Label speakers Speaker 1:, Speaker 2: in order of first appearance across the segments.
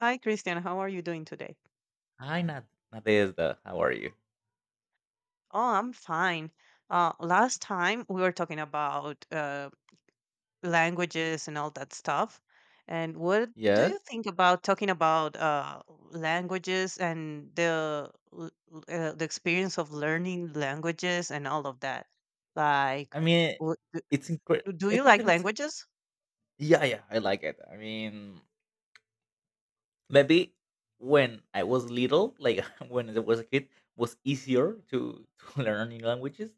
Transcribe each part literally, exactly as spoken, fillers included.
Speaker 1: Hi, Christian. How are you doing today?
Speaker 2: Hi, Nad, Nadezhda. How are you?
Speaker 1: Oh, I'm fine. Uh, last time we were talking about uh, languages and all that stuff. And what do you
Speaker 2: Yes.
Speaker 1: think about talking about uh, languages and the l- l- uh, the experience of learning languages and all of that? Like,
Speaker 2: I mean,
Speaker 1: wh- d-
Speaker 2: it's incredible.
Speaker 1: do
Speaker 2: I
Speaker 1: you
Speaker 2: think
Speaker 1: like
Speaker 2: that it's.
Speaker 1: languages?
Speaker 2: Yeah, yeah. I like it. I mean, maybe when I was little, like when I was a kid, was easier to to learn new languages.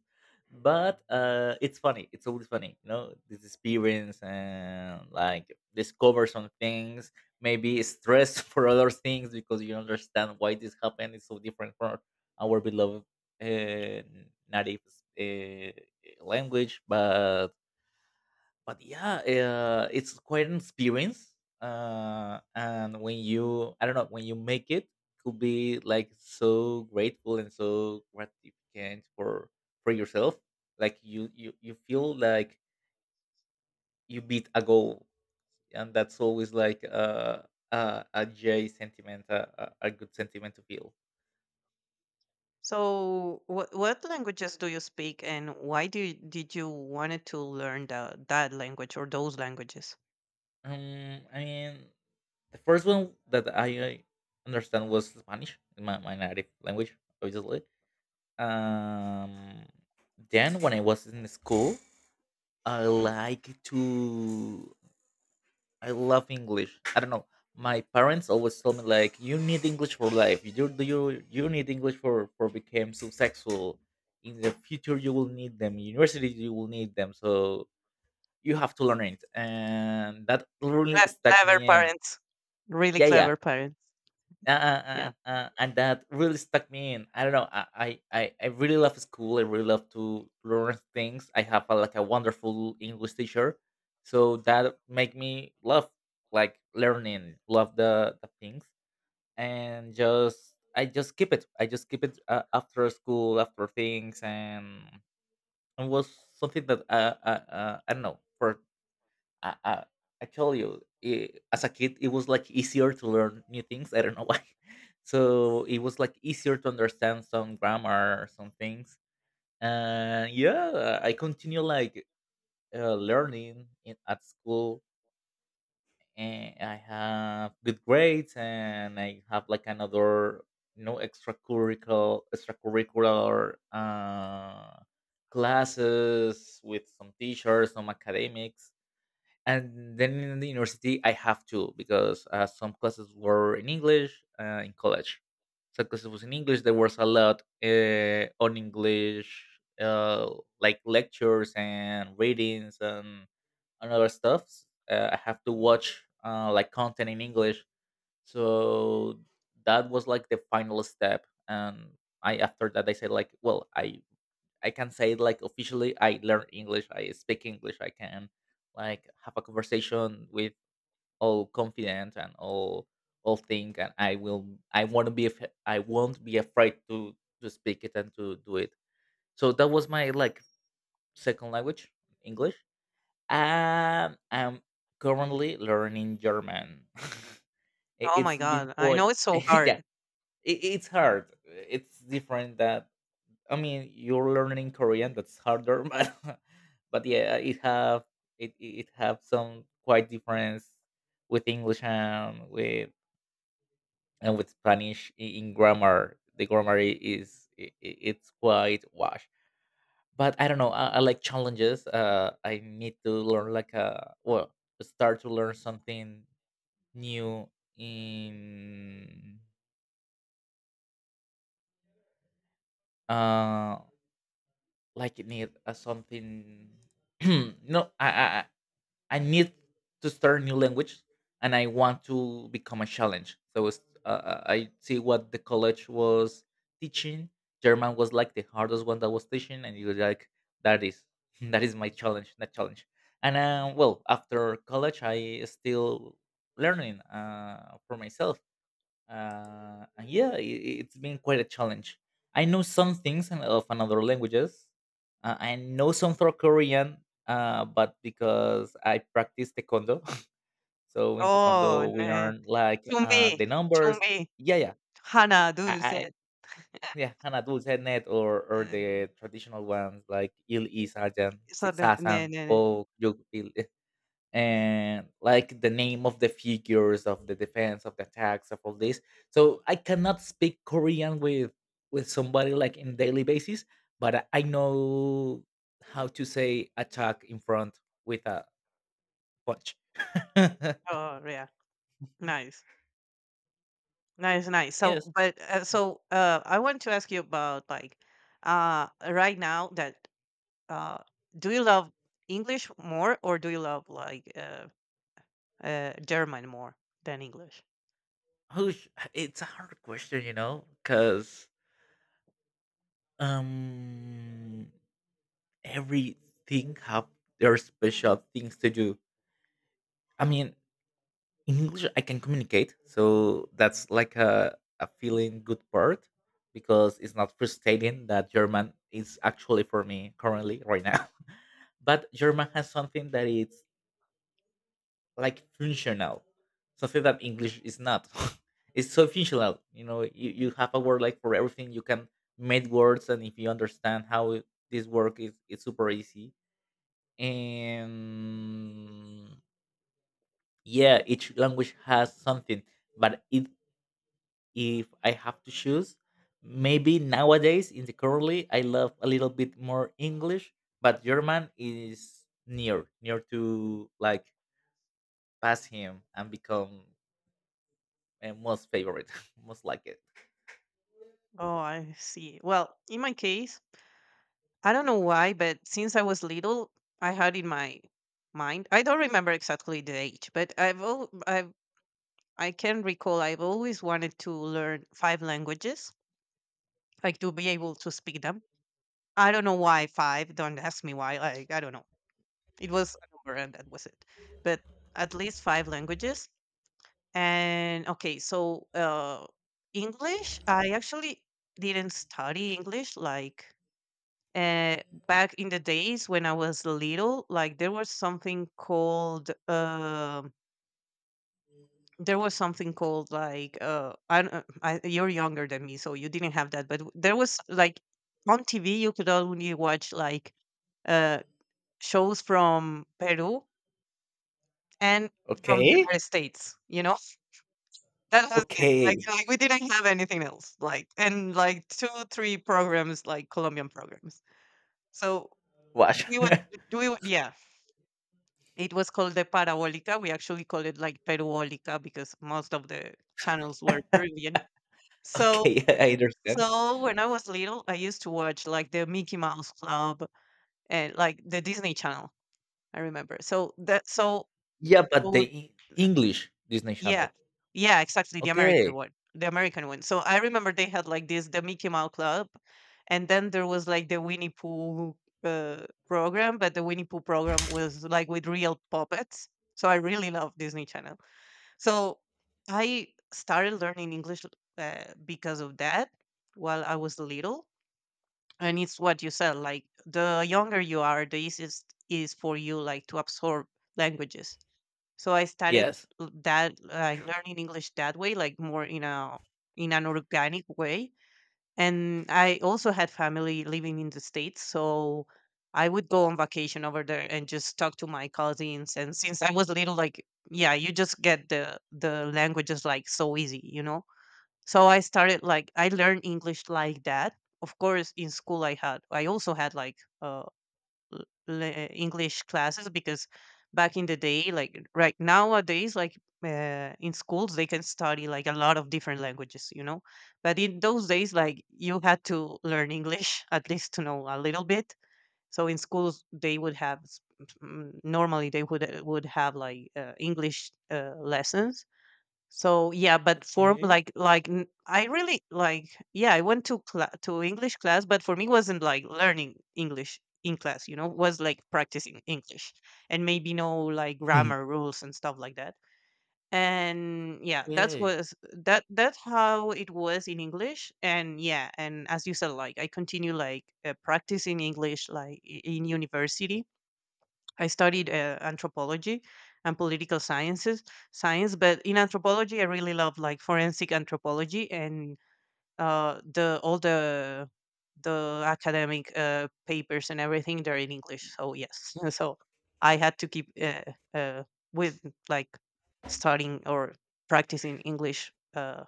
Speaker 2: But uh, it's funny. It's always funny, you know, this experience and like discover some things. Maybe stress for other things because you understand why this happened. It's so different from our beloved uh, native uh, language, but but yeah, uh, it's quite an experience. Uh, and when you, I don't know, when you make it, could be like so grateful and so gratificant for for yourself. Like you, you, you feel like you beat a goal, and that's always like a a, a J sentiment, a, a a good sentiment to feel.
Speaker 1: So, what what languages do you speak, and why do you, did you wanted to learn the, that language or those languages?
Speaker 2: Um, I mean, the first one that I, I understand was Spanish, my, my native language, obviously. Um, then when I was in school, I like to. I love English. I don't know. My parents always told me like, "You need English for life. You do you you need English for for become successful. In the future, you will need them. University, you will need them. So you have to learn it." And that really
Speaker 1: Cle
Speaker 2: stuck me
Speaker 1: clever
Speaker 2: in.
Speaker 1: parents. Really
Speaker 2: Yeah, yeah.
Speaker 1: clever parents.
Speaker 2: Yeah,
Speaker 1: Yeah.
Speaker 2: uh, uh, uh, and that really stuck me in. I don't know. I, I, I I really love school. I really love to learn things. I have a, like a wonderful English teacher, so that make me love like learning, love the, the things, and just I just keep it. I just keep it uh, after school, after things, and it was something that uh, uh, uh, I don't know. For I, I, I tell you, I as a kid, it was like easier to learn new things. I don't know why. So it was like easier to understand some grammar, some things. And yeah, I continue like uh, learning in, at school, and I have good grades, and I have like another you know extracurricular extracurricular uh, classes with some teachers, some academics. And then in the university I have to because uh, some classes were in English, uh, in college some classes was in English. There was a lot uh, on English, uh, like lectures and readings and, and other stuff. uh, I have to watch uh, like content in English. So that was like the final step, and I after that I said like, well, i I can say like officially I learn English, I speak English. I can like have a conversation with all confident and all all thing, and I will I want to be af- I won't be afraid to to speak it and to do it. So that was my like second language, English. And I'm currently learning German. I-
Speaker 1: Oh my
Speaker 2: it's been
Speaker 1: god. I
Speaker 2: quite
Speaker 1: know it's so
Speaker 2: yeah,
Speaker 1: hard.
Speaker 2: it, it's hard. It's different that I mean, you're learning Korean. That's harder, but but yeah, it have it it it have some quite difference with English and with and with Spanish i- in grammar. The grammar i- is i- i- it's quite wash. But I don't know. I, I like challenges. Uh, I need to learn like a well, start to learn something new in uh like need uh, something no I, I I need to start a new language, and I want to become a challenge. So it's- uh, uh, I see what the college was teaching. German was like the hardest one that was teaching, and you're like, that is that is my challenge, that challenge. And uh, well, after college, I still learning uh, for myself. Uh, and yeah, it, it's been quite a challenge. I know some things in- of another languages. Uh, I know some for Korean, uh, but because I practice taekwondo, so in
Speaker 1: Oh,
Speaker 2: taekwondo we
Speaker 1: ne.
Speaker 2: learn like uh,
Speaker 1: Chumbi,
Speaker 2: the numbers.
Speaker 1: chumbi,
Speaker 2: Yeah, yeah,
Speaker 1: Hana,
Speaker 2: I, I
Speaker 1: dulce.
Speaker 2: yeah, an adult head net or or
Speaker 1: Uh,
Speaker 2: the traditional ones like il I sajan,
Speaker 1: so
Speaker 2: si-
Speaker 1: the- ne,
Speaker 2: sasan,
Speaker 1: ne, ne.
Speaker 2: o yugpil. And like the name of the figures of the defense of the attacks of all this. So I cannot speak Korean with with somebody like in daily basis, but i I know how to say attack in front with a punch.
Speaker 1: Oh, yeah. Nice. Nice, nice. So,
Speaker 2: Yes.
Speaker 1: but uh, so uh, I want to ask you about like uh right now that uh do you love English more or do you love like uh, uh German more than English?
Speaker 2: Whoosh. It's a hard question, you know, because um everything have their special things to do. I mean, in English I can communicate, so that's like a, a feeling good part because it's not frustrating that German is actually for me currently right now. But German has something that is like functional, something that English is not. It's so functional, you know. You, you have a word like for everything. You can make words, and if you understand how it- this work is, it's super easy. And yeah, each language has something. But it if I have to choose. Maybe nowadays in the currently I love a little bit more English, but German is near near to like pass him and become a most favorite, most like it.
Speaker 1: Oh, I see. Well, in my case, I don't know why, but since I was little, I had in my mind. I don't remember exactly the age, but I've al- I've I can recall I've always wanted to learn five languages, like to be able to speak them. I don't know why five. Don't ask me why. Like I don't know. It was a number, and that was it. But at least five languages. And okay, so uh, English. I actually didn't study English like uh, back in the days when I was little, like there was something called uh, there was something called like uh, I, don't- uh, I you're younger than me, so you didn't have that, but there was like on T V you could only watch like uh, shows from Peru and from the
Speaker 2: Okay,
Speaker 1: United States. You know that was it. Like,
Speaker 2: okay,
Speaker 1: like we didn't have anything else. Like and like two three programs like Colombian programs. So
Speaker 2: watch.
Speaker 1: we would we would yeah it was called the Parabólica. We actually call it like Peruólica because most of the channels were Peruvian. So
Speaker 2: Okay, I understand.
Speaker 1: so when I was little, I used to watch like the Mickey Mouse Club and like the Disney Channel. I remember. So that so
Speaker 2: Yeah, but the
Speaker 1: so
Speaker 2: E- English Disney
Speaker 1: yeah.
Speaker 2: Channel.
Speaker 1: Yeah, exactly, the American
Speaker 2: Okay.
Speaker 1: one. The American one. So I remember they had like this the Mickey Mouse Club and then there was like the Winnie Pooh uh, program, but the Winnie Pooh program was like with real puppets. So I really love Disney Channel. So I started learning English uh, because of that while I was little. And it's what you said, like the younger you are, the easiest is for you like to absorb languages. So I started
Speaker 2: Yes.
Speaker 1: l- that like learning English that way, like more in a in an organic way. And I also had family living in the States, so I would go on vacation over there and just talk to my cousins. And since I was little, like yeah, you just get the the languages like so easy, you know. So I started like I learned English like that. Of course, in school I had I also had like a l- le- English classes because back in the day, like right nowadays, like uh, in schools, they can study like a lot of different languages, you know. But in those days, like you had to learn English at least to know a little bit. So in schools, they would have s- mm, normally they would uh, would have like uh, English uh, lessons so yeah, but for
Speaker 2: Okay.
Speaker 1: like like n- I really like yeah, I went to cla to English class, but for me it wasn't like learning English in class, you know, was like practicing English and maybe no like grammar rules and stuff like that. And yeah, that's
Speaker 2: Okay.
Speaker 1: was that that's how it was in English. And yeah, and as you said, like I continue like uh, practicing English like i- in university I studied uh, anthropology and political sciences, science. But in anthropology, I really love like forensic anthropology and uh, the all the the academic uh, papers and everything. They're in English, so yes. So I had to keep uh, uh, with like studying or practicing English. Uh,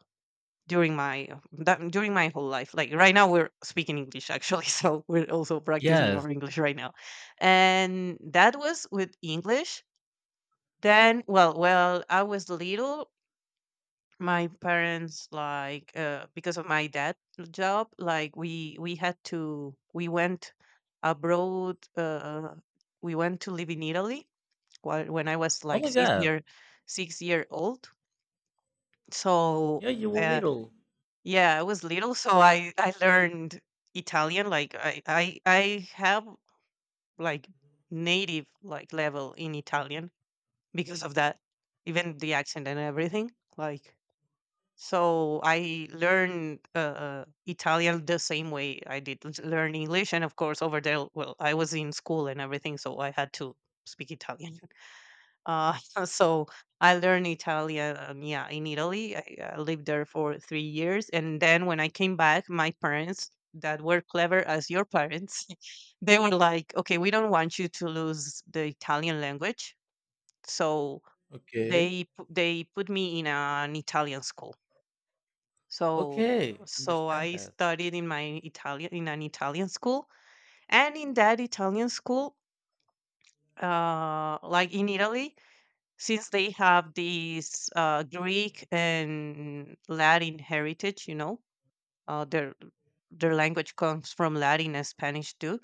Speaker 1: During my that, during my whole life like right now we're speaking English actually. So we're also practicing
Speaker 2: Yes.
Speaker 1: our English right now, and that was with English. Then well well I was little, my parents like uh, because of my dad job, like we we had to we went abroad. Uh, we went to live in Italy while, when I was
Speaker 2: Oh
Speaker 1: like
Speaker 2: my
Speaker 1: six
Speaker 2: god.
Speaker 1: year six year old. So
Speaker 2: Yeah, you were
Speaker 1: uh,
Speaker 2: little.
Speaker 1: yeah, I was little, so I I learned Italian. Like I I I have like native like level in Italian because of that, even the accent and everything. Like so, I learned uh, uh, Italian the same way I did l- learn English, and of course over there, well, I was in school and everything, so I had to speak Italian. Uh, so I learned Italian, um, yeah, in Italy. I, I lived there for three years, and then when I came back, my parents that were clever as your parents, they were like, "Okay, we don't want you to lose the Italian language," so
Speaker 2: Okay.
Speaker 1: they pu- they put me in an Italian school. So
Speaker 2: Okay,
Speaker 1: so
Speaker 2: understand
Speaker 1: I
Speaker 2: that.
Speaker 1: studied in my Italian in an Italian school, and in that Italian school, uh, like in Italy since they have these uh, Greek and Latin heritage, you know, uh, their their language comes from Latin and Spanish too.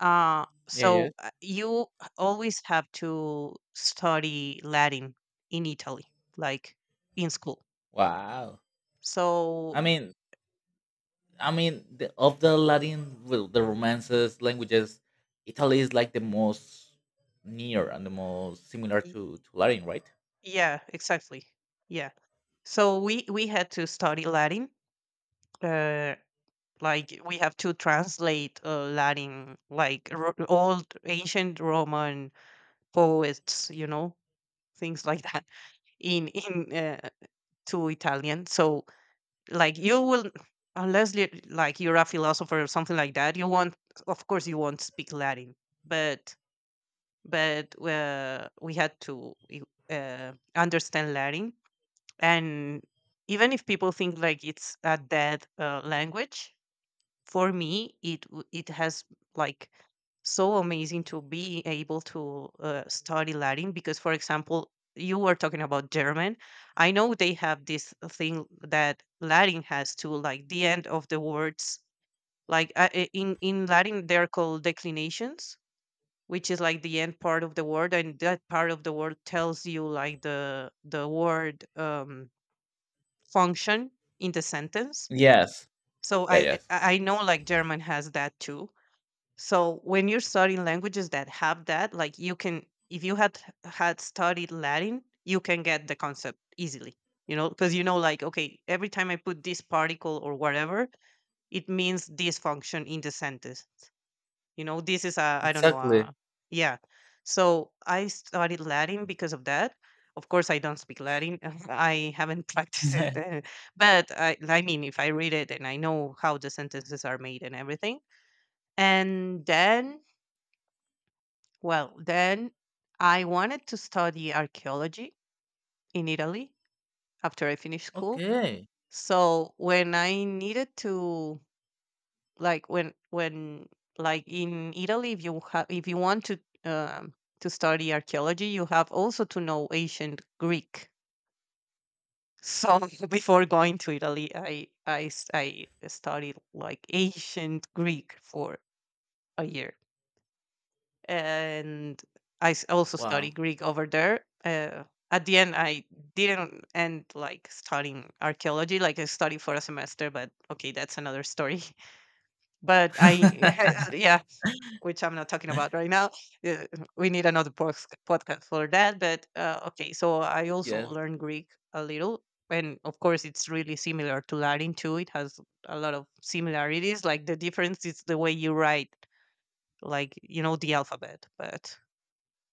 Speaker 1: Uh,
Speaker 2: Yeah,
Speaker 1: so
Speaker 2: yes.
Speaker 1: uh, you always have to study Latin in Italy, like in school.
Speaker 2: Wow. I
Speaker 1: So
Speaker 2: mean, I mean, the, of the Latin, well, the romances languages, Italy is like the most near and the most similar
Speaker 1: y-
Speaker 2: to to Latin, right?
Speaker 1: yeah, exactly. Yeah. So we we had to study Latin. Uh, like we have to translate uh, Latin, like ro- old ancient Roman poets, you know, things like that in in uh, to Italian. So like you will unless you like you're a philosopher or something like that, you won't of course you won't speak Latin, but but uh, we had to uh, understand Latin. And even if people think like it's a dead uh, language, for me it w- it has like so amazing to be able to uh, study Latin because for example you were talking about German. I know they have this thing that Latin has too, like the end of the words, like uh, i- in in Latin they're called declinations, which is like the end part of the word, and that part of the word tells you like the the word um function in the sentence.
Speaker 2: Yes.
Speaker 1: So
Speaker 2: Yeah.
Speaker 1: i
Speaker 2: Yes.
Speaker 1: i I know like German has that too. So when you're studying languages that have that, like you can, if you had had studied Latin, you can get the concept easily. You know, because you know, like, okay, every time I put this particle or whatever, it means this function in the sentence. You know, this is a, I don't know,
Speaker 2: Exactly.
Speaker 1: a, yeah. So I studied Latin because of that. Of course, I don't speak Latin. I haven't practiced it, uh, but I, I mean, if I read it and I know how the sentences are made and everything, and then well, then I wanted to study archaeology in Italy after I finished school.
Speaker 2: Okay.
Speaker 1: So when I needed to like when when like in Italy if you have if you want to um to study archaeology you have also to know ancient Greek. So before going to Italy I I s- I studied like ancient Greek for a year. And I s- also study
Speaker 2: Wow.
Speaker 1: Greek over there. Uh, at the end, I didn't end like studying archaeology. Like I studied for a semester, but okay, that's another story. But I, yeah, which I'm not talking about right now. Uh, We need another pos- podcast for that. But uh, okay, so I also
Speaker 2: Yes.
Speaker 1: learned Greek a little, and of course, it's really similar to Latin too. It has a lot of similarities. Like the difference is the way you write, like you know, the alphabet, but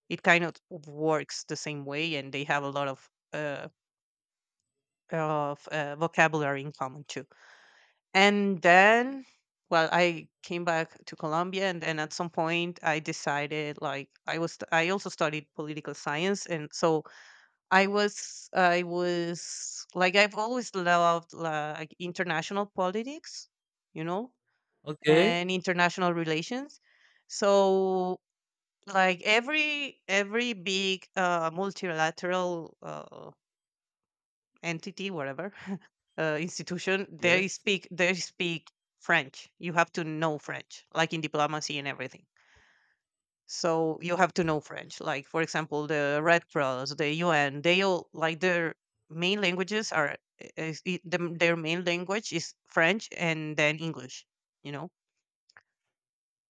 Speaker 1: it kind of works the same way and they have a lot of uh, of uh, vocabulary in common too. And then well, I came back to Colombia, and then at some point I decided like i was I also studied political science. And so i was I was like I've always loved like international politics, you know,
Speaker 2: Okay.
Speaker 1: and international relations. So like every every big uh, multilateral uh, entity whatever uh, institution they
Speaker 2: Yes.
Speaker 1: speak they speak French. You have to know French like in diplomacy and everything. So you have to know French like for example the Red Cross, the U N, they all like their main languages are is, I- the, their main language is French and then English, you know,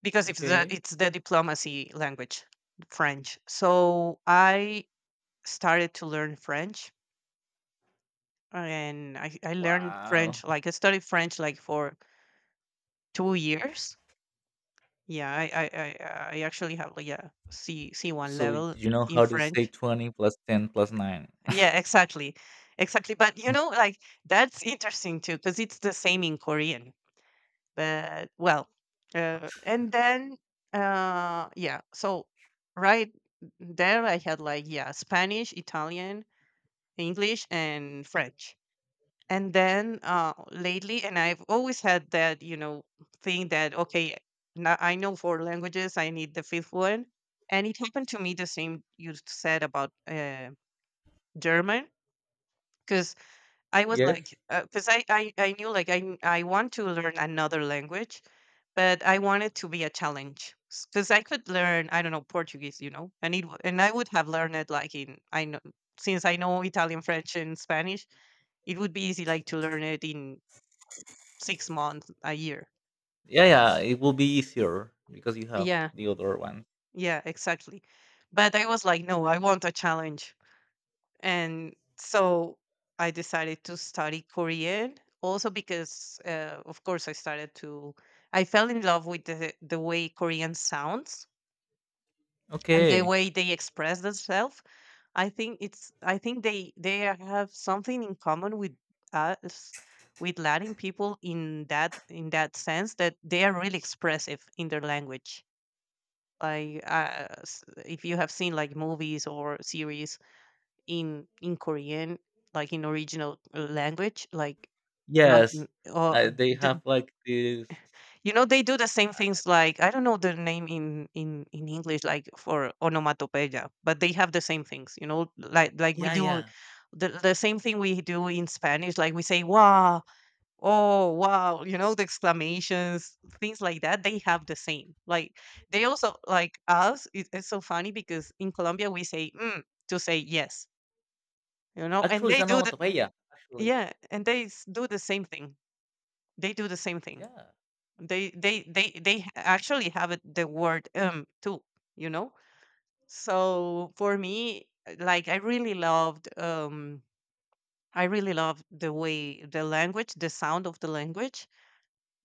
Speaker 1: because if the,
Speaker 2: Okay.
Speaker 1: it's the diplomacy language, French. So I started to learn French, and I I learned
Speaker 2: Wow.
Speaker 1: French like I studied French like for two years. Yeah, I I I, uh, I actually have like a C C one
Speaker 2: So
Speaker 1: level
Speaker 2: you know
Speaker 1: in
Speaker 2: how to say
Speaker 1: French.
Speaker 2: twenty plus ten plus nine.
Speaker 1: Yeah, exactly, exactly. But you know, like that's interesting too because it's the same in Korean. But well, uh, and then uh, yeah, so right there I had like, yeah, Spanish, Italian, English, and French. And then uh lately, and I've always had that you know thing that, okay, now I know four languages, I need the fifth one. And it happened to me the same you said about uh, German, because I was like,
Speaker 2: Yes.
Speaker 1: because I, I i knew, like, i n- I want to learn another language, but I wanted to be a challenge. Because I could learn, I don't know, Portuguese, you know, and it w- and I would have learned it like in, I know, since I know Italian, French, and Spanish, it would be easy, like, to learn it in six months, a year.
Speaker 2: Yeah, yeah, it will be easier because you have
Speaker 1: Yeah.
Speaker 2: the other one.
Speaker 1: Yeah, exactly. But I was like, no, I want a challenge. And so I decided to study Korean also because, uh, of course, I started to, I fell in love with the, the way Korean sounds and the
Speaker 2: Okay.
Speaker 1: way they express themselves. I think it's, I think they, they have something in common with us, with Latin people in that, in that sense that they are really expressive in their language. Like, uh, s- if you have seen, like, movies or series in in Korean, like in original uh, language, like not
Speaker 2: Yes,
Speaker 1: n- or
Speaker 2: uh, they
Speaker 1: the,
Speaker 2: have like this.
Speaker 1: you know, they do the same
Speaker 2: Uh,
Speaker 1: things, like I don't know the name in in in English, like, for onomatopoeia, but they have the same things, you know, like like we
Speaker 2: yeah,
Speaker 1: do
Speaker 2: yeah.
Speaker 1: the the same thing we do in Spanish. Like, we say "wow," oh, wow. You know, the exclamations, things like that, they have the same. Like, they also, like us, it, it's so funny because in Colombia we say mm to say yes, you know, and
Speaker 2: Actually, it's
Speaker 1: they
Speaker 2: an
Speaker 1: do the,
Speaker 2: onomatopoeia. Actually,
Speaker 1: yeah, and they s- do the same thing. They do the same thing.
Speaker 2: yeah.
Speaker 1: They, they, they, they h- actually have it, the word, um, too, you know? So for me, uh, like, I really loved, um, I really loved the way the language, the sound of the language,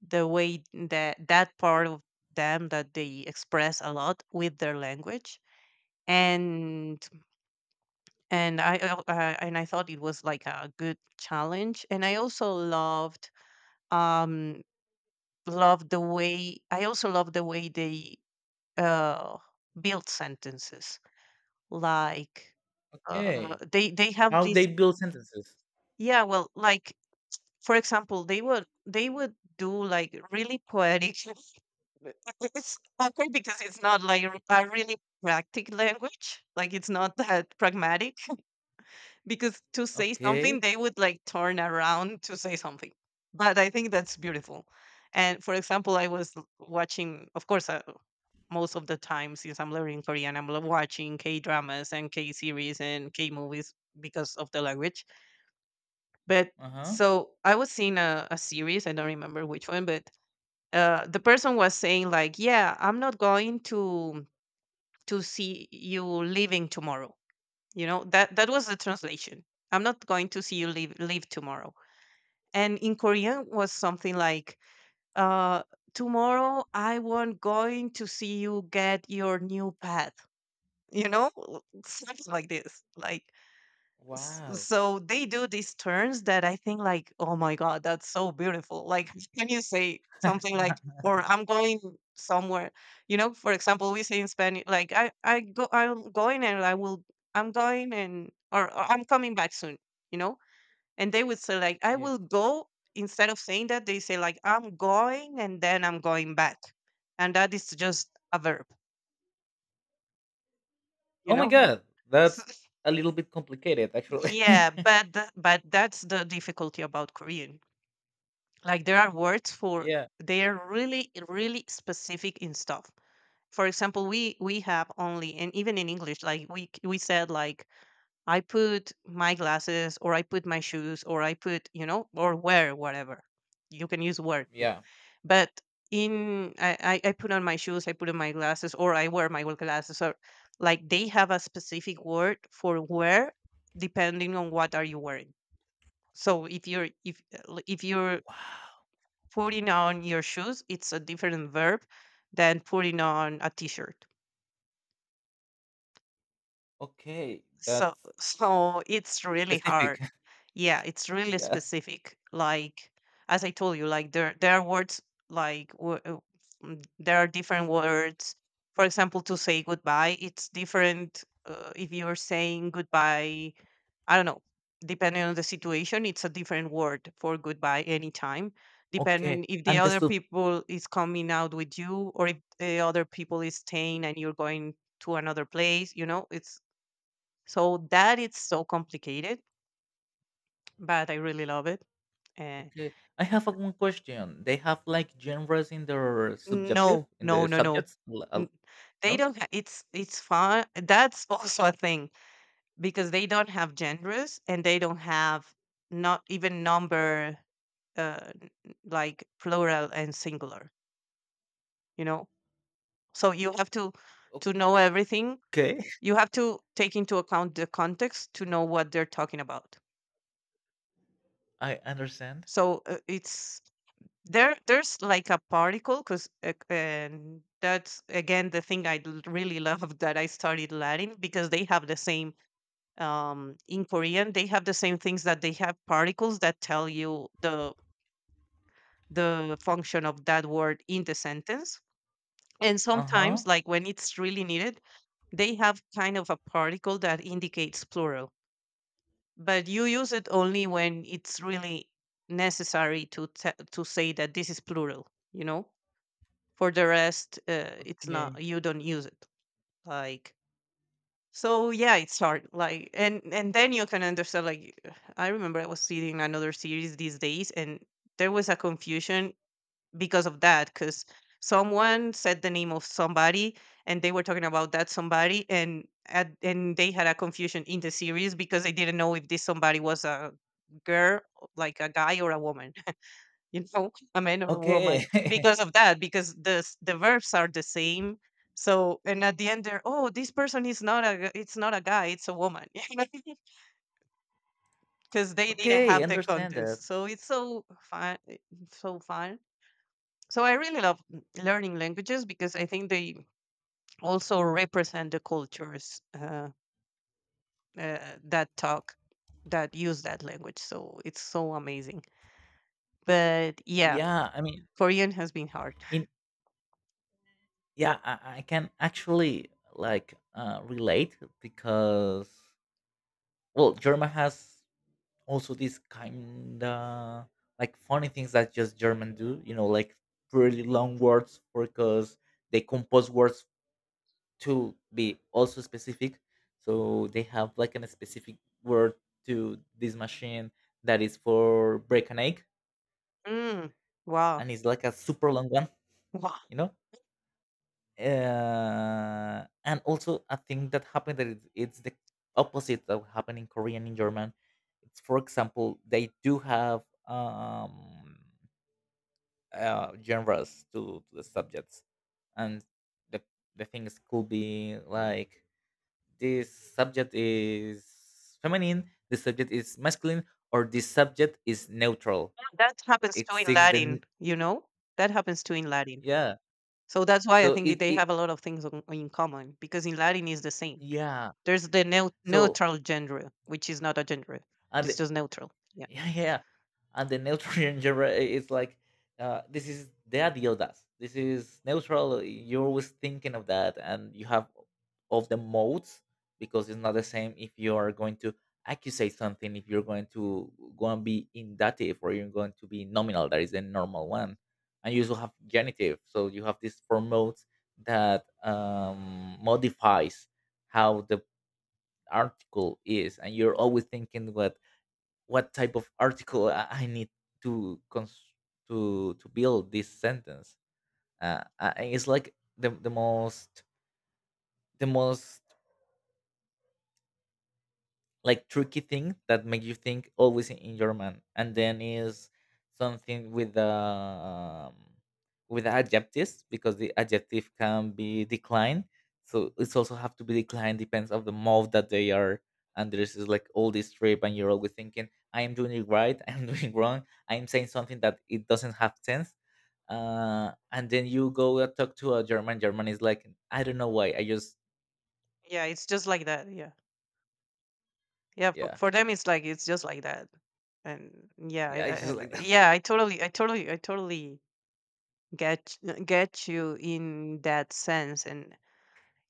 Speaker 1: the way that that part of them, that they express a lot with their language. And and i uh, uh, and I thought it was like a good challenge, and I also loved, um loved the way, I also loved the way they uh build sentences. Like, uh
Speaker 2: Okay.
Speaker 1: they they have
Speaker 2: How
Speaker 1: this,
Speaker 2: they build sentences.
Speaker 1: yeah, well, like, for example, they would they would do, like, really poetic But it- it's okay because it's not like r- a really practic language. Like, it's not that pragmatic because to say something,
Speaker 2: Okay.
Speaker 1: they would, like, turn around to say something. But I think that's beautiful. And for example, I was l- watching, of course, uh, most of the time, since I'm learning Korean, I'm lo- watching K dramas and K series and K movies because of the language. But
Speaker 2: Uh huh.
Speaker 1: so I was seeing a, a series, I don't remember which one, but uh, the person was saying, like, yeah, I'm not going to to see you leaving tomorrow. You know, that that was the translation. I'm not going to see you leave leave tomorrow. And in Korean was something like, uh tomorrow I won't going to see you get your new pet, you know, something like this, like, S-
Speaker 2: Wow.
Speaker 1: so they do these turns that I think, like, oh my god, that's so beautiful. Like, can you say something like, or I'm going somewhere, you know? For example, we say in Spanish, like, I I go, I'm going and I will, I'm going, and or, or I'm coming back soon, you know? And they would say, like, I will
Speaker 2: Yes.
Speaker 1: go instead of saying that, they say, like, I'm going and then I'm going back, and that is just a verb, you
Speaker 2: Oh my
Speaker 1: know?
Speaker 2: god,
Speaker 1: So-
Speaker 2: that's a little bit complicated, actually.
Speaker 1: yeah, but th- but that's the difficulty about Korean. Like, there are words for,
Speaker 2: Yeah.
Speaker 1: they are really really specific in stuff. For example, we we have only, and even in English, like, we c- we said, like, I put my glasses or I put my shoes or I put, you know or wear whatever. You can use wear too,
Speaker 2: Yeah.
Speaker 1: but in, i i I put on my shoes, I put on my glasses, or I wear my glasses, or, like, they have a specific word for wear depending on what are you wearing. So if you're, if if you're
Speaker 2: Wow.
Speaker 1: putting on your shoes, it's a different verb than putting on a t-shirt,
Speaker 2: Okay,
Speaker 1: so
Speaker 2: that's
Speaker 1: so it's really hard.
Speaker 2: specific.
Speaker 1: Yeah, it's really
Speaker 2: Yeah.
Speaker 1: specific, like, as I told you, like, there there are words, like, wo- uh, mm, there are different words, for example, to say goodbye, it's different, uh, if you're saying goodbye, I don't know, depending on the situation, it's a different word for goodbye anytime,
Speaker 2: Okay.
Speaker 1: depending if the
Speaker 2: And the
Speaker 1: other people is coming out with you or if the other people is staying and you're going to another place, you know, it's, so that, it's so complicated, but I really love it. Uh,
Speaker 2: Okay, I have a one question. They have like genres in their subjective,
Speaker 1: no,
Speaker 2: in
Speaker 1: no,
Speaker 2: the
Speaker 1: no, no.
Speaker 2: subjects. L- uh,
Speaker 1: N- They
Speaker 2: No,
Speaker 1: don't. Ha- it's it's fun. That's also a thing because they don't have genders, and they don't have, not even number, uh, n- like plural and singular, you know, so you have to to know everything,
Speaker 2: okay,
Speaker 1: you have to take into account the context to know what they're talking about.
Speaker 2: I understand.
Speaker 1: So uh, it's there there's like a particle because, uh, and that's again the thing i l- really love, that I studied Latin because they have the same, um in Korean they have the same things, that they have particles that tell you the the function of that word in the sentence. And
Speaker 2: Uh huh.
Speaker 1: sometimes, like when it's really needed, they have kind of a particle that indicates plural, but you use it only when it's really necessary to te- to say that this is plural. You know, for the rest, uh, it's not.
Speaker 2: Okay.
Speaker 1: You don't use it. Like, so, yeah, it's hard. Like, and and then you can understand. Like, I remember I was seeing another series these days, and there was a confusion because of that because someone said the name of somebody, and they were talking about that somebody, and at, and they had a confusion in the series because they didn't know if this somebody was a girl, like, a guy or a woman, you know, a man or a woman,
Speaker 2: Okay.
Speaker 1: because of that, because the s- the verbs are the same, so, and at the end they're, oh, this person is not a g- it's not a guy, it's a woman because they didn't
Speaker 2: Okay,
Speaker 1: have the
Speaker 2: understand that.
Speaker 1: context, so it's so fun, eh, so fun. So I really love, mm, learning languages because I think they also represent the cultures, uh, uh, that talk that use that language. So it's so amazing. But yeah,
Speaker 2: Yeah, I mean,
Speaker 1: Korean has been hard.
Speaker 2: in yeah, I, I can actually like uh, relate because well, German has also this kind of like funny things that just German do. You know, like really long words because they compose words to be also specific, so they have like a specific word to this machine that is for break an egg,
Speaker 1: Mm, wow,
Speaker 2: and it's like a super long one,
Speaker 1: wow.
Speaker 2: you know. Uh, and also a thing that happened that it, it's the opposite of happened in Korean in German. It's for example they do have um uh, genres to, to the subjects. And the the things could be like this subject is feminine, this subject is masculine, or this subject is neutral.
Speaker 1: That happens
Speaker 2: It
Speaker 1: too in
Speaker 2: seeks the
Speaker 1: Latin.
Speaker 2: n-
Speaker 1: You know, that happens too in Latin.
Speaker 2: yeah.
Speaker 1: So that's why I
Speaker 2: So
Speaker 1: think
Speaker 2: it,
Speaker 1: they
Speaker 2: it
Speaker 1: have a lot of things on, in common because in Latin is the same.
Speaker 2: yeah.
Speaker 1: There's the neu-
Speaker 2: So
Speaker 1: neutral gender, which is not a gender. It's
Speaker 2: and
Speaker 1: just neutral. Yeah,
Speaker 2: yeah yeah. And the neutral genre is like uh, this is the ideal does this is neutral. You're always thinking of that, and you have of the modes, because it's not the same if you are going to accusate something, if you're going to go and be indative, or you're going to be nominal, that is the normal one. And you also have genitive, so you have these four modes that um, modifies how the article is. And you're always thinking what what type of article I, I need to cons- to to build this sentence. Uh, I, I- it's like the the most the most like tricky thing that make you think always in, in German. And then is something with the um, with the adjectives, because the adjective can be declined, so it's also have to be declined depends of the mode that they are. And there's is like all this trip, and you're always thinking, I am doing it right, I am doing wrong, I am saying something that it doesn't have sense. Uh, and then you go and talk to a German. German is like, I don't know why. I just
Speaker 1: yeah. It's just like that. Yeah. Yeah, for,
Speaker 2: yeah,
Speaker 1: for them it's like it's just like that, and yeah, I,
Speaker 2: yeah, I
Speaker 1: I,
Speaker 2: just
Speaker 1: I-
Speaker 2: like that.
Speaker 1: yeah, I totally, I totally, I totally get get you in that sense, and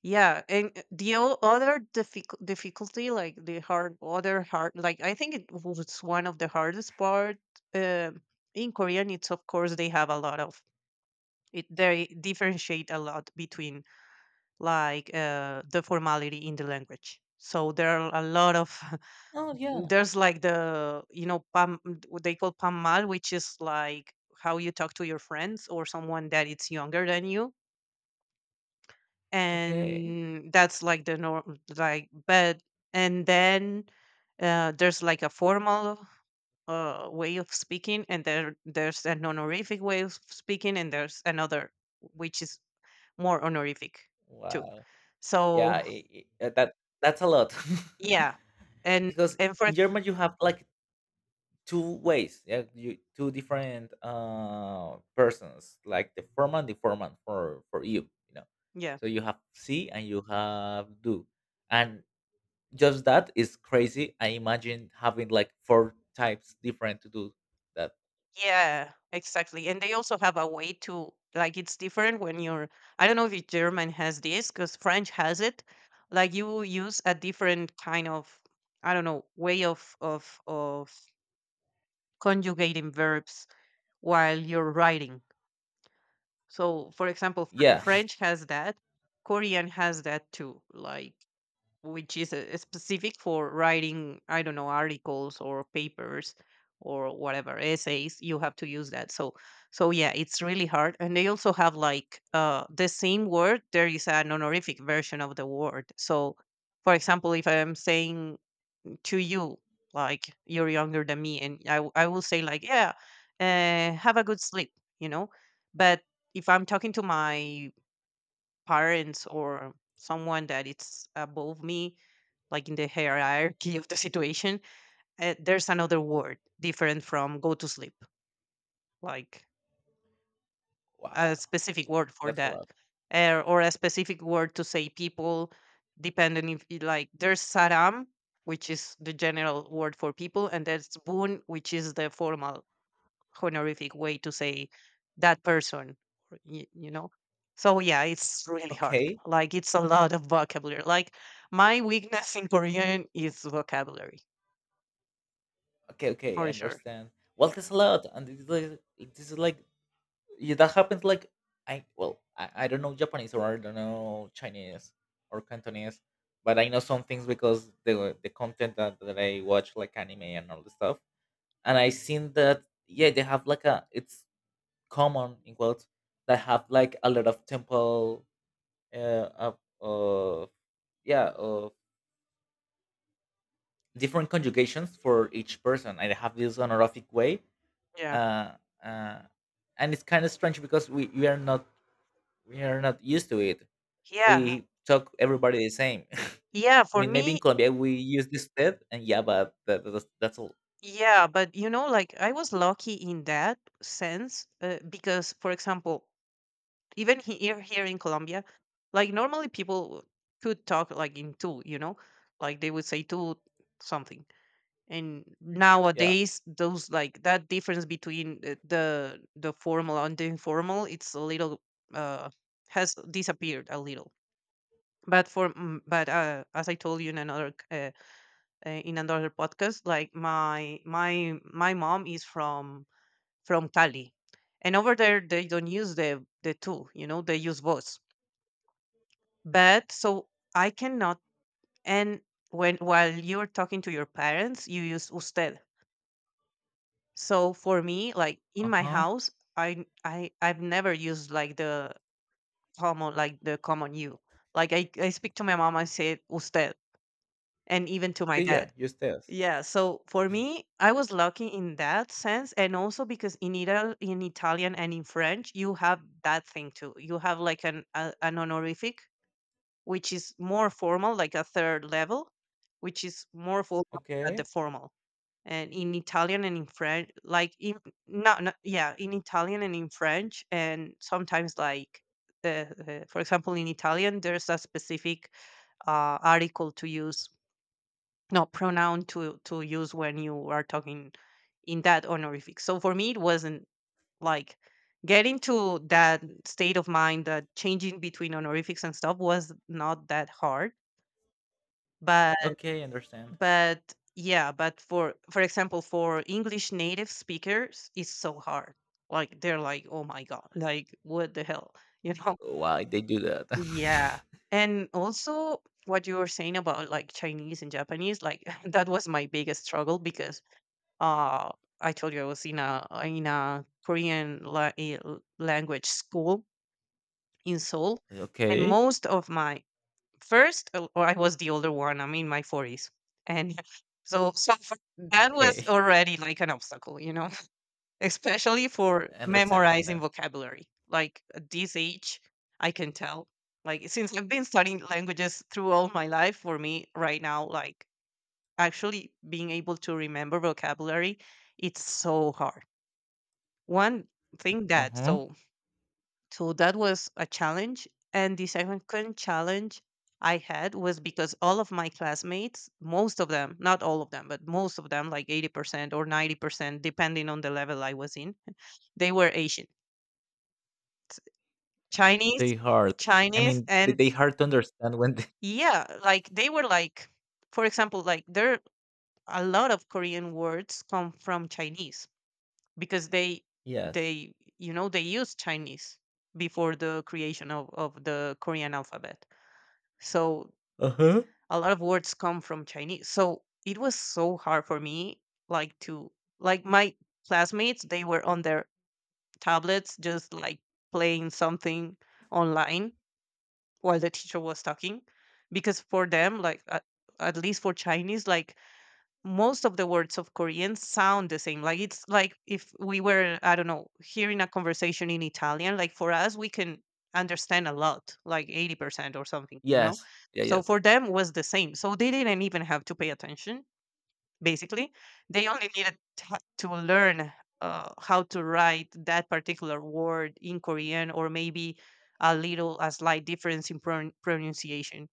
Speaker 1: yeah, and uh, the o- other difficult difficulty, like the hard, other hard, like I think it was one of the hardest part, um in Korean. It's of course they have a lot of it. They differentiate a lot between, like, uh, the formality in the language. So there are a lot of,
Speaker 2: Oh yeah,
Speaker 1: there's like the, you know pam, what they call pamal, which is like how you talk to your friends or someone that it's younger than you,
Speaker 2: okay.
Speaker 1: and that's like the norm, like, but and then uh, there's like a formal uh, way of speaking, and there there's an honorific way of speaking, and there's another which is more honorific too,
Speaker 2: Wow.
Speaker 1: so,
Speaker 2: Yeah, I I uh, that that's a lot.
Speaker 1: yeah, and
Speaker 2: Because
Speaker 1: and for
Speaker 2: in
Speaker 1: ex-
Speaker 2: German you have like two ways, yeah, you two different uh persons, like the foreman, the foreman for for you, you know.
Speaker 1: yeah.
Speaker 2: So you have see and you have do. And just that is crazy. I imagine having like four types different to do that.
Speaker 1: Yeah, exactly. And they also have a way to, like, it's different when you're, I don't know if German has this because French has it. Like, you use a different kind of, I don't know, way of of of conjugating verbs while you're writing. So, for example, Fr-
Speaker 2: Yeah.
Speaker 1: French has that. Korean has that too. Like which is uh, specific for writing, I don't know, articles or papers or whatever essays, you have to use that. So so yeah, it's really hard. And they also have like uh the same word, there is an honorific version of the word. So for example, if I am saying to you, like you're younger than me and i, w- I will say like, yeah, uh, have a good sleep you know but if I'm talking to my parents or someone that it's above me, like in the hierarchy of the situation, uh, there's another word different from go to sleep, like a
Speaker 2: Wow.
Speaker 1: specific word for
Speaker 2: That's a
Speaker 1: that,
Speaker 2: lot.
Speaker 1: uh, or a specific word to say people, depending if you like there's saram, which is the general word for people, and there's boon, which is the formal honorific way to say that person, or y- you know. So yeah, it's really hard.
Speaker 2: Okay.
Speaker 1: Like it's a lot of vocabulary. Like my weakness in Korean is vocabulary
Speaker 2: Okay, okay, I
Speaker 1: for sure.
Speaker 2: understand. Well, that's a lot, and this is like, this is like yeah, that happens like I well, I, I don't know Japanese or I don't know Chinese or Cantonese, but I know some things because the the content that, that I watch like anime and all the stuff, and I seen that yeah, they have like a it's common in quotes that have like a lot of temple uh of of yeah of different conjugations for each person. And they have this honorific way
Speaker 1: Yeah.
Speaker 2: uh, uh, and it's kind of strange because we, we are not we are not used to it.
Speaker 1: Yeah.
Speaker 2: We talk everybody the same.
Speaker 1: Yeah.
Speaker 2: I
Speaker 1: For
Speaker 2: mean, maybe in
Speaker 1: me,
Speaker 2: Colombia we use this usted, and yeah, but that, that's, that's all.
Speaker 1: yeah. But, you know, like I was lucky in that sense, uh, because, for example, even here, here in Colombia, like normally people could talk like in two, you know, like they would say two something. And
Speaker 2: Yeah.
Speaker 1: nowadays, those like that difference between the the, the formal and the informal, it's a little, uh, has disappeared a little. But for, mm, but uh, as I told you in another uh, uh, in another podcast, like my my my mom is from from Cali, and over there they don't use the the two, you know, they use voice. But so I cannot. And when while you're talking to your parents, you use usted. So for me, like in
Speaker 2: Uh
Speaker 1: my
Speaker 2: huh.
Speaker 1: house, i i i've never used like the common, like the common you. Like i, I speak to my mom, I say usted, and even to my
Speaker 2: See, yeah,
Speaker 1: dad.
Speaker 2: use this.
Speaker 1: Yeah, so for me, I was lucky in that sense, and also because in Ital in Italian and in French, you have that thing too. You have like an a, an honorific, which is more formal, like a third level, which is more formal than the
Speaker 2: Okay.
Speaker 1: formal. And in Italian and in French, like in no, no yeah, in Italian and in French, and sometimes like uh, uh, for example, in Italian, there's a specific uh, article to use, no, pronoun to to use when you are talking in that honorific. So for me, it wasn't like getting to that state of mind, that changing between honorifics and stuff was not that hard. But
Speaker 2: Okay, understand.
Speaker 1: but yeah, but for for example, for English native speakers, it's so hard. Like they're like, oh my god, like what the hell, you know?
Speaker 2: Why they do that?
Speaker 1: Yeah. And also what you were saying about like Chinese and Japanese, like that was my biggest struggle because Uh, I told you I was in a uh, in a Korean la- eh, l- language school in Seoul, and
Speaker 2: Okay.
Speaker 1: most of my first, uh, or I was the older one. I'm in my forties, and so so for- that was
Speaker 2: Okay.
Speaker 1: already like an obstacle, you know, especially for
Speaker 2: Understand.
Speaker 1: memorizing
Speaker 2: Understand.
Speaker 1: vocabulary. Like at this age, I can tell. Like since I've been studying languages through all my life, for me right now, like actually being able to remember vocabulary, it's so hard. One thing
Speaker 2: Uh
Speaker 1: that
Speaker 2: huh.
Speaker 1: so So that was a challenge, and the second challenge I had was because all of my classmates, most of them, not all of them, but most of them, like eighty percent or ninety percent, depending on the level I was in, they were Asian, Chinese,
Speaker 2: They hard. I
Speaker 1: Chinese,
Speaker 2: mean, they,
Speaker 1: and
Speaker 2: they hard to understand when. They...
Speaker 1: yeah, like they were like, for example, like there a lot of Korean words come from Chinese, because they
Speaker 2: Yes.
Speaker 1: they, you know, they used Chinese before the creation of of the Korean alphabet. So
Speaker 2: Uh huh.
Speaker 1: a lot of words come from Chinese. So it was so hard for me, like to, like my classmates, they were on their tablets just like playing something online while the teacher was talking, because for them like at, at least for Chinese, like most of the words of Korean sound the same. Like it's like if we were, I don't know, hearing a conversation in Italian, like for us, we can understand a lot, like eighty percent or something, you know?
Speaker 2: Yes. Yeah.
Speaker 1: So
Speaker 2: Yes.
Speaker 1: for them was the same. So they didn't even have to pay attention, basically. They only needed to to learn uh, how to write that particular word in Korean, or maybe a little, a slight difference in pron- pronunciation.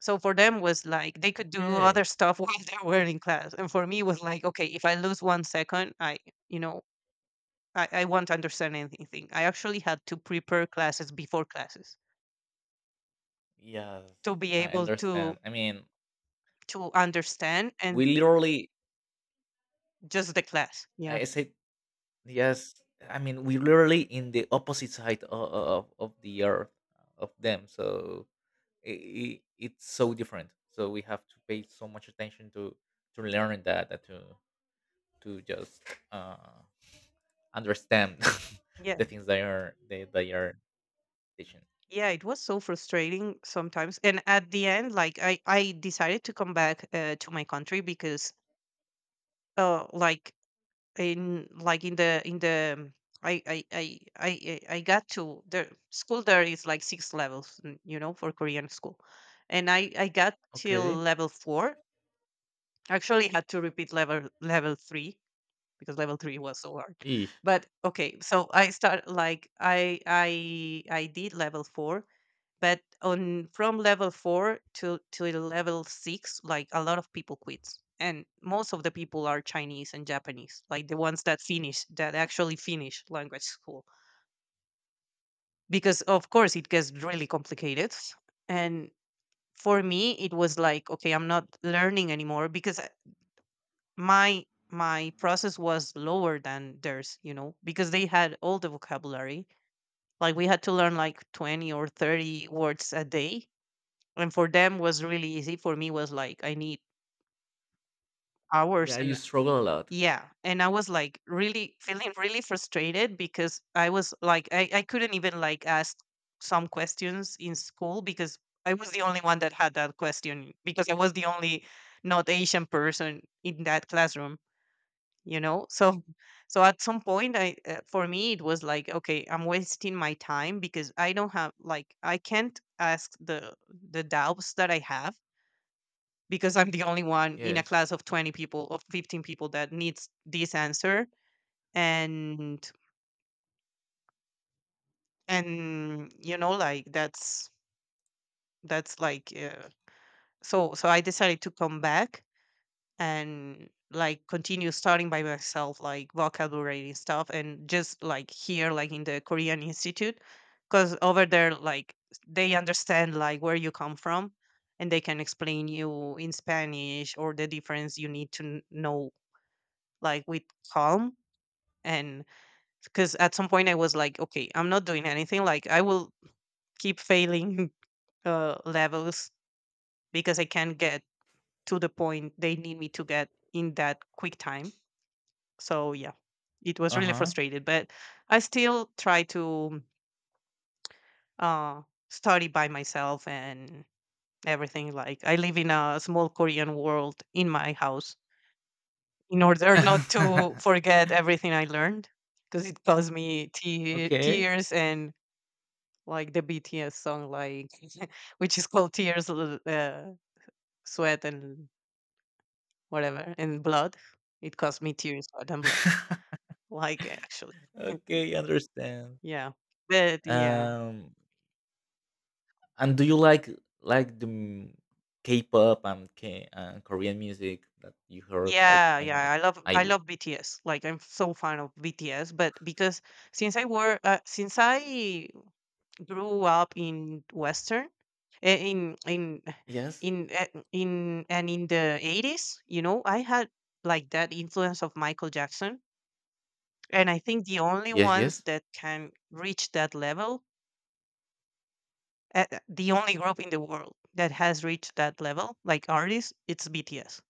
Speaker 1: So for them was like they could do
Speaker 2: Okay.
Speaker 1: other stuff while they were in class. And for me was like, okay, if I lose one second, I, you know, I, I won't understand anything. I actually had to prepare classes before classes
Speaker 2: Yes,
Speaker 1: to be
Speaker 2: I
Speaker 1: able to
Speaker 2: understand. I mean,
Speaker 1: to understand and
Speaker 2: we literally,
Speaker 1: just the class. Yeah.
Speaker 2: I said, yes. I mean, we literally in the opposite side of, of, of the earth of them. So it, it's so different. So we have to pay so much attention to to learn that, that to to just uh, understand the
Speaker 1: Yeah.
Speaker 2: things they are they, they are teaching.
Speaker 1: Yeah. It was so frustrating sometimes. And at the end, like I, I decided to come back uh, to my country because uh like in like in the in the I I I I I I got to the school, there is like six levels, mm, you know, for Korean school, and I I got till
Speaker 2: Okay.
Speaker 1: level four. Actually, had to repeat level level three because level three was so hard.
Speaker 2: Eesh.
Speaker 1: But okay, so I start, like I I I did level four, but on from level four to to level six, like a lot of people quit, and most of the people are Chinese and Japanese, like the ones that finish, that actually finish language school, because of course it gets really complicated. And for me, it was like, okay, I'm not learning anymore because I- my my process was lower than theirs, you know, because they had all the vocabulary. Like we had to learn like twenty or thirty words a day, and for them was really easy. For me was like, I need hours
Speaker 2: Yeah, you
Speaker 1: and
Speaker 2: struggle a lot.
Speaker 1: yeah. And I was like really feeling really frustrated because I was like, i, I couldn't even like ask some questions in school because I was the only one that had that question, because I was the only not Asian person in that classroom, you know. so so at some point I, uh, for me it was like, okay, I'm wasting my time because I don't have, like I can't ask the the doubts that I have, because I'm the only one in a
Speaker 2: Yes.
Speaker 1: class of twenty people, of fifteen people that needs this answer. And, and, you know, like that's, that's like, uh, so, so I decided to come back and like continue studying by myself, like vocabulary and stuff. And just like here, like in the Korean Institute, because over there, like they understand like where you come from, and they can explain you in Spanish or the difference you need to kn- know, like with calm. And because at some point I was like, okay, I'm not doing anything, like I will keep failing uh, levels, because I can't get to the point they need me to get in that quick time. So yeah, it was really
Speaker 2: Uh
Speaker 1: frustrated. But I still try to uh, study by myself and everything, like I live in a small Korean world in my house in order not to
Speaker 2: huh.
Speaker 1: forget everything I learned, because it caused me te-
Speaker 2: Okay.
Speaker 1: tears and like the B T S song, like which is called Tears, L- uh, Sweat, and whatever, and Blood. It cost me tears, sweat, and blood. Like eh, actually,
Speaker 2: Okay, understand.
Speaker 1: yeah, but yeah,
Speaker 2: Um, and do you like like the m- K-pop and K and Korean music that you heard? Like
Speaker 1: yeah,
Speaker 2: I
Speaker 1: yeah. I
Speaker 2: must,
Speaker 1: love
Speaker 2: I
Speaker 1: I
Speaker 2: l-
Speaker 1: love B T S. Like I'm so fan of B T S, but because since I were uh, since I grew up in Western, eh, in in
Speaker 2: yes,
Speaker 1: in eh, in and in the eighties, you know, I had like that influence of Michael Jackson. And I think the only
Speaker 2: yes,
Speaker 1: ones
Speaker 2: yes.
Speaker 1: that can reach that level, uh, uh, the only group in the world that has reached that level, like artists, it's B T S.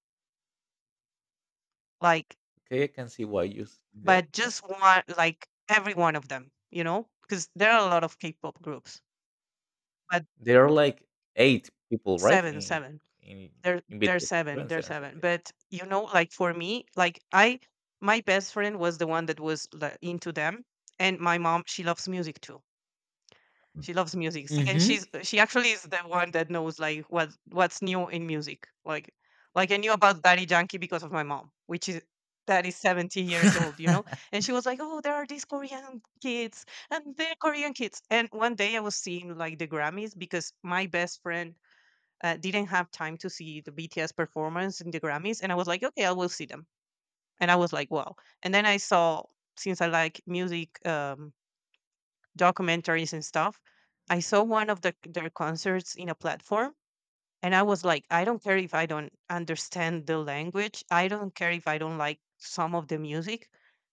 Speaker 1: Like,
Speaker 2: Okay, I can see why you s- that.
Speaker 1: but
Speaker 2: Yeah,
Speaker 1: just one, like every one of them, you know, because there are a lot of K-pop groups, but
Speaker 2: there are like eight people, right?
Speaker 1: seven,
Speaker 2: In
Speaker 1: seven.
Speaker 2: in
Speaker 1: There,
Speaker 2: in
Speaker 1: there's
Speaker 2: B T S,
Speaker 1: seven,
Speaker 2: seven,
Speaker 1: there's
Speaker 2: seven, seven.
Speaker 1: seven.
Speaker 2: Yes.
Speaker 1: But you know, like for me, like I, my best friend was the one that was like into them, and my mom, she loves music too. She loves music, and
Speaker 2: Mm-hmm.
Speaker 1: she's uh, she actually is the one that knows like what what's new in music. Like like I knew about Daddy Yankee because of my mom, which is that is seventy years old, you know? And she was like, oh, there are these Korean kids, and they're Korean kids. And one day I was seeing like the Grammys because my best friend uh, didn't have time to see the B T S performance in the Grammys. And I was like, okay, I will see them. And I was like, wow. And then I saw, since I like music, um, documentaries and stuff. I saw one of the, their concerts in a platform, and I was like, I don't care if I don't understand the language. I don't care if I don't like some of the music.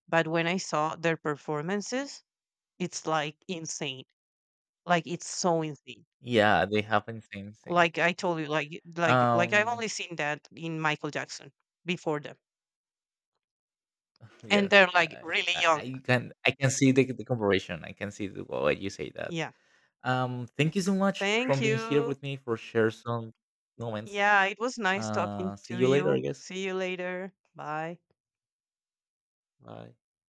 Speaker 1: But when I saw their performances, it's like insane. Like it's so insane.
Speaker 2: Yeah, they happen same thing.
Speaker 1: Like I told you, like like like I've
Speaker 2: Um,
Speaker 1: only seen that in Michael Jackson before them, and
Speaker 2: yes,
Speaker 1: they're like
Speaker 2: I,
Speaker 1: really
Speaker 2: I
Speaker 1: young.
Speaker 2: I can I can see the, the comparison. I can see the, why you say that.
Speaker 1: Yeah.
Speaker 2: Um, thank you so much for
Speaker 1: Thank
Speaker 2: being here
Speaker 1: you.
Speaker 2: with me for share some moments.
Speaker 1: Yeah, it was nice talking
Speaker 2: Uh, see
Speaker 1: to
Speaker 2: you later, I
Speaker 1: you.
Speaker 2: guess.
Speaker 1: See you later. Bye.
Speaker 2: Bye.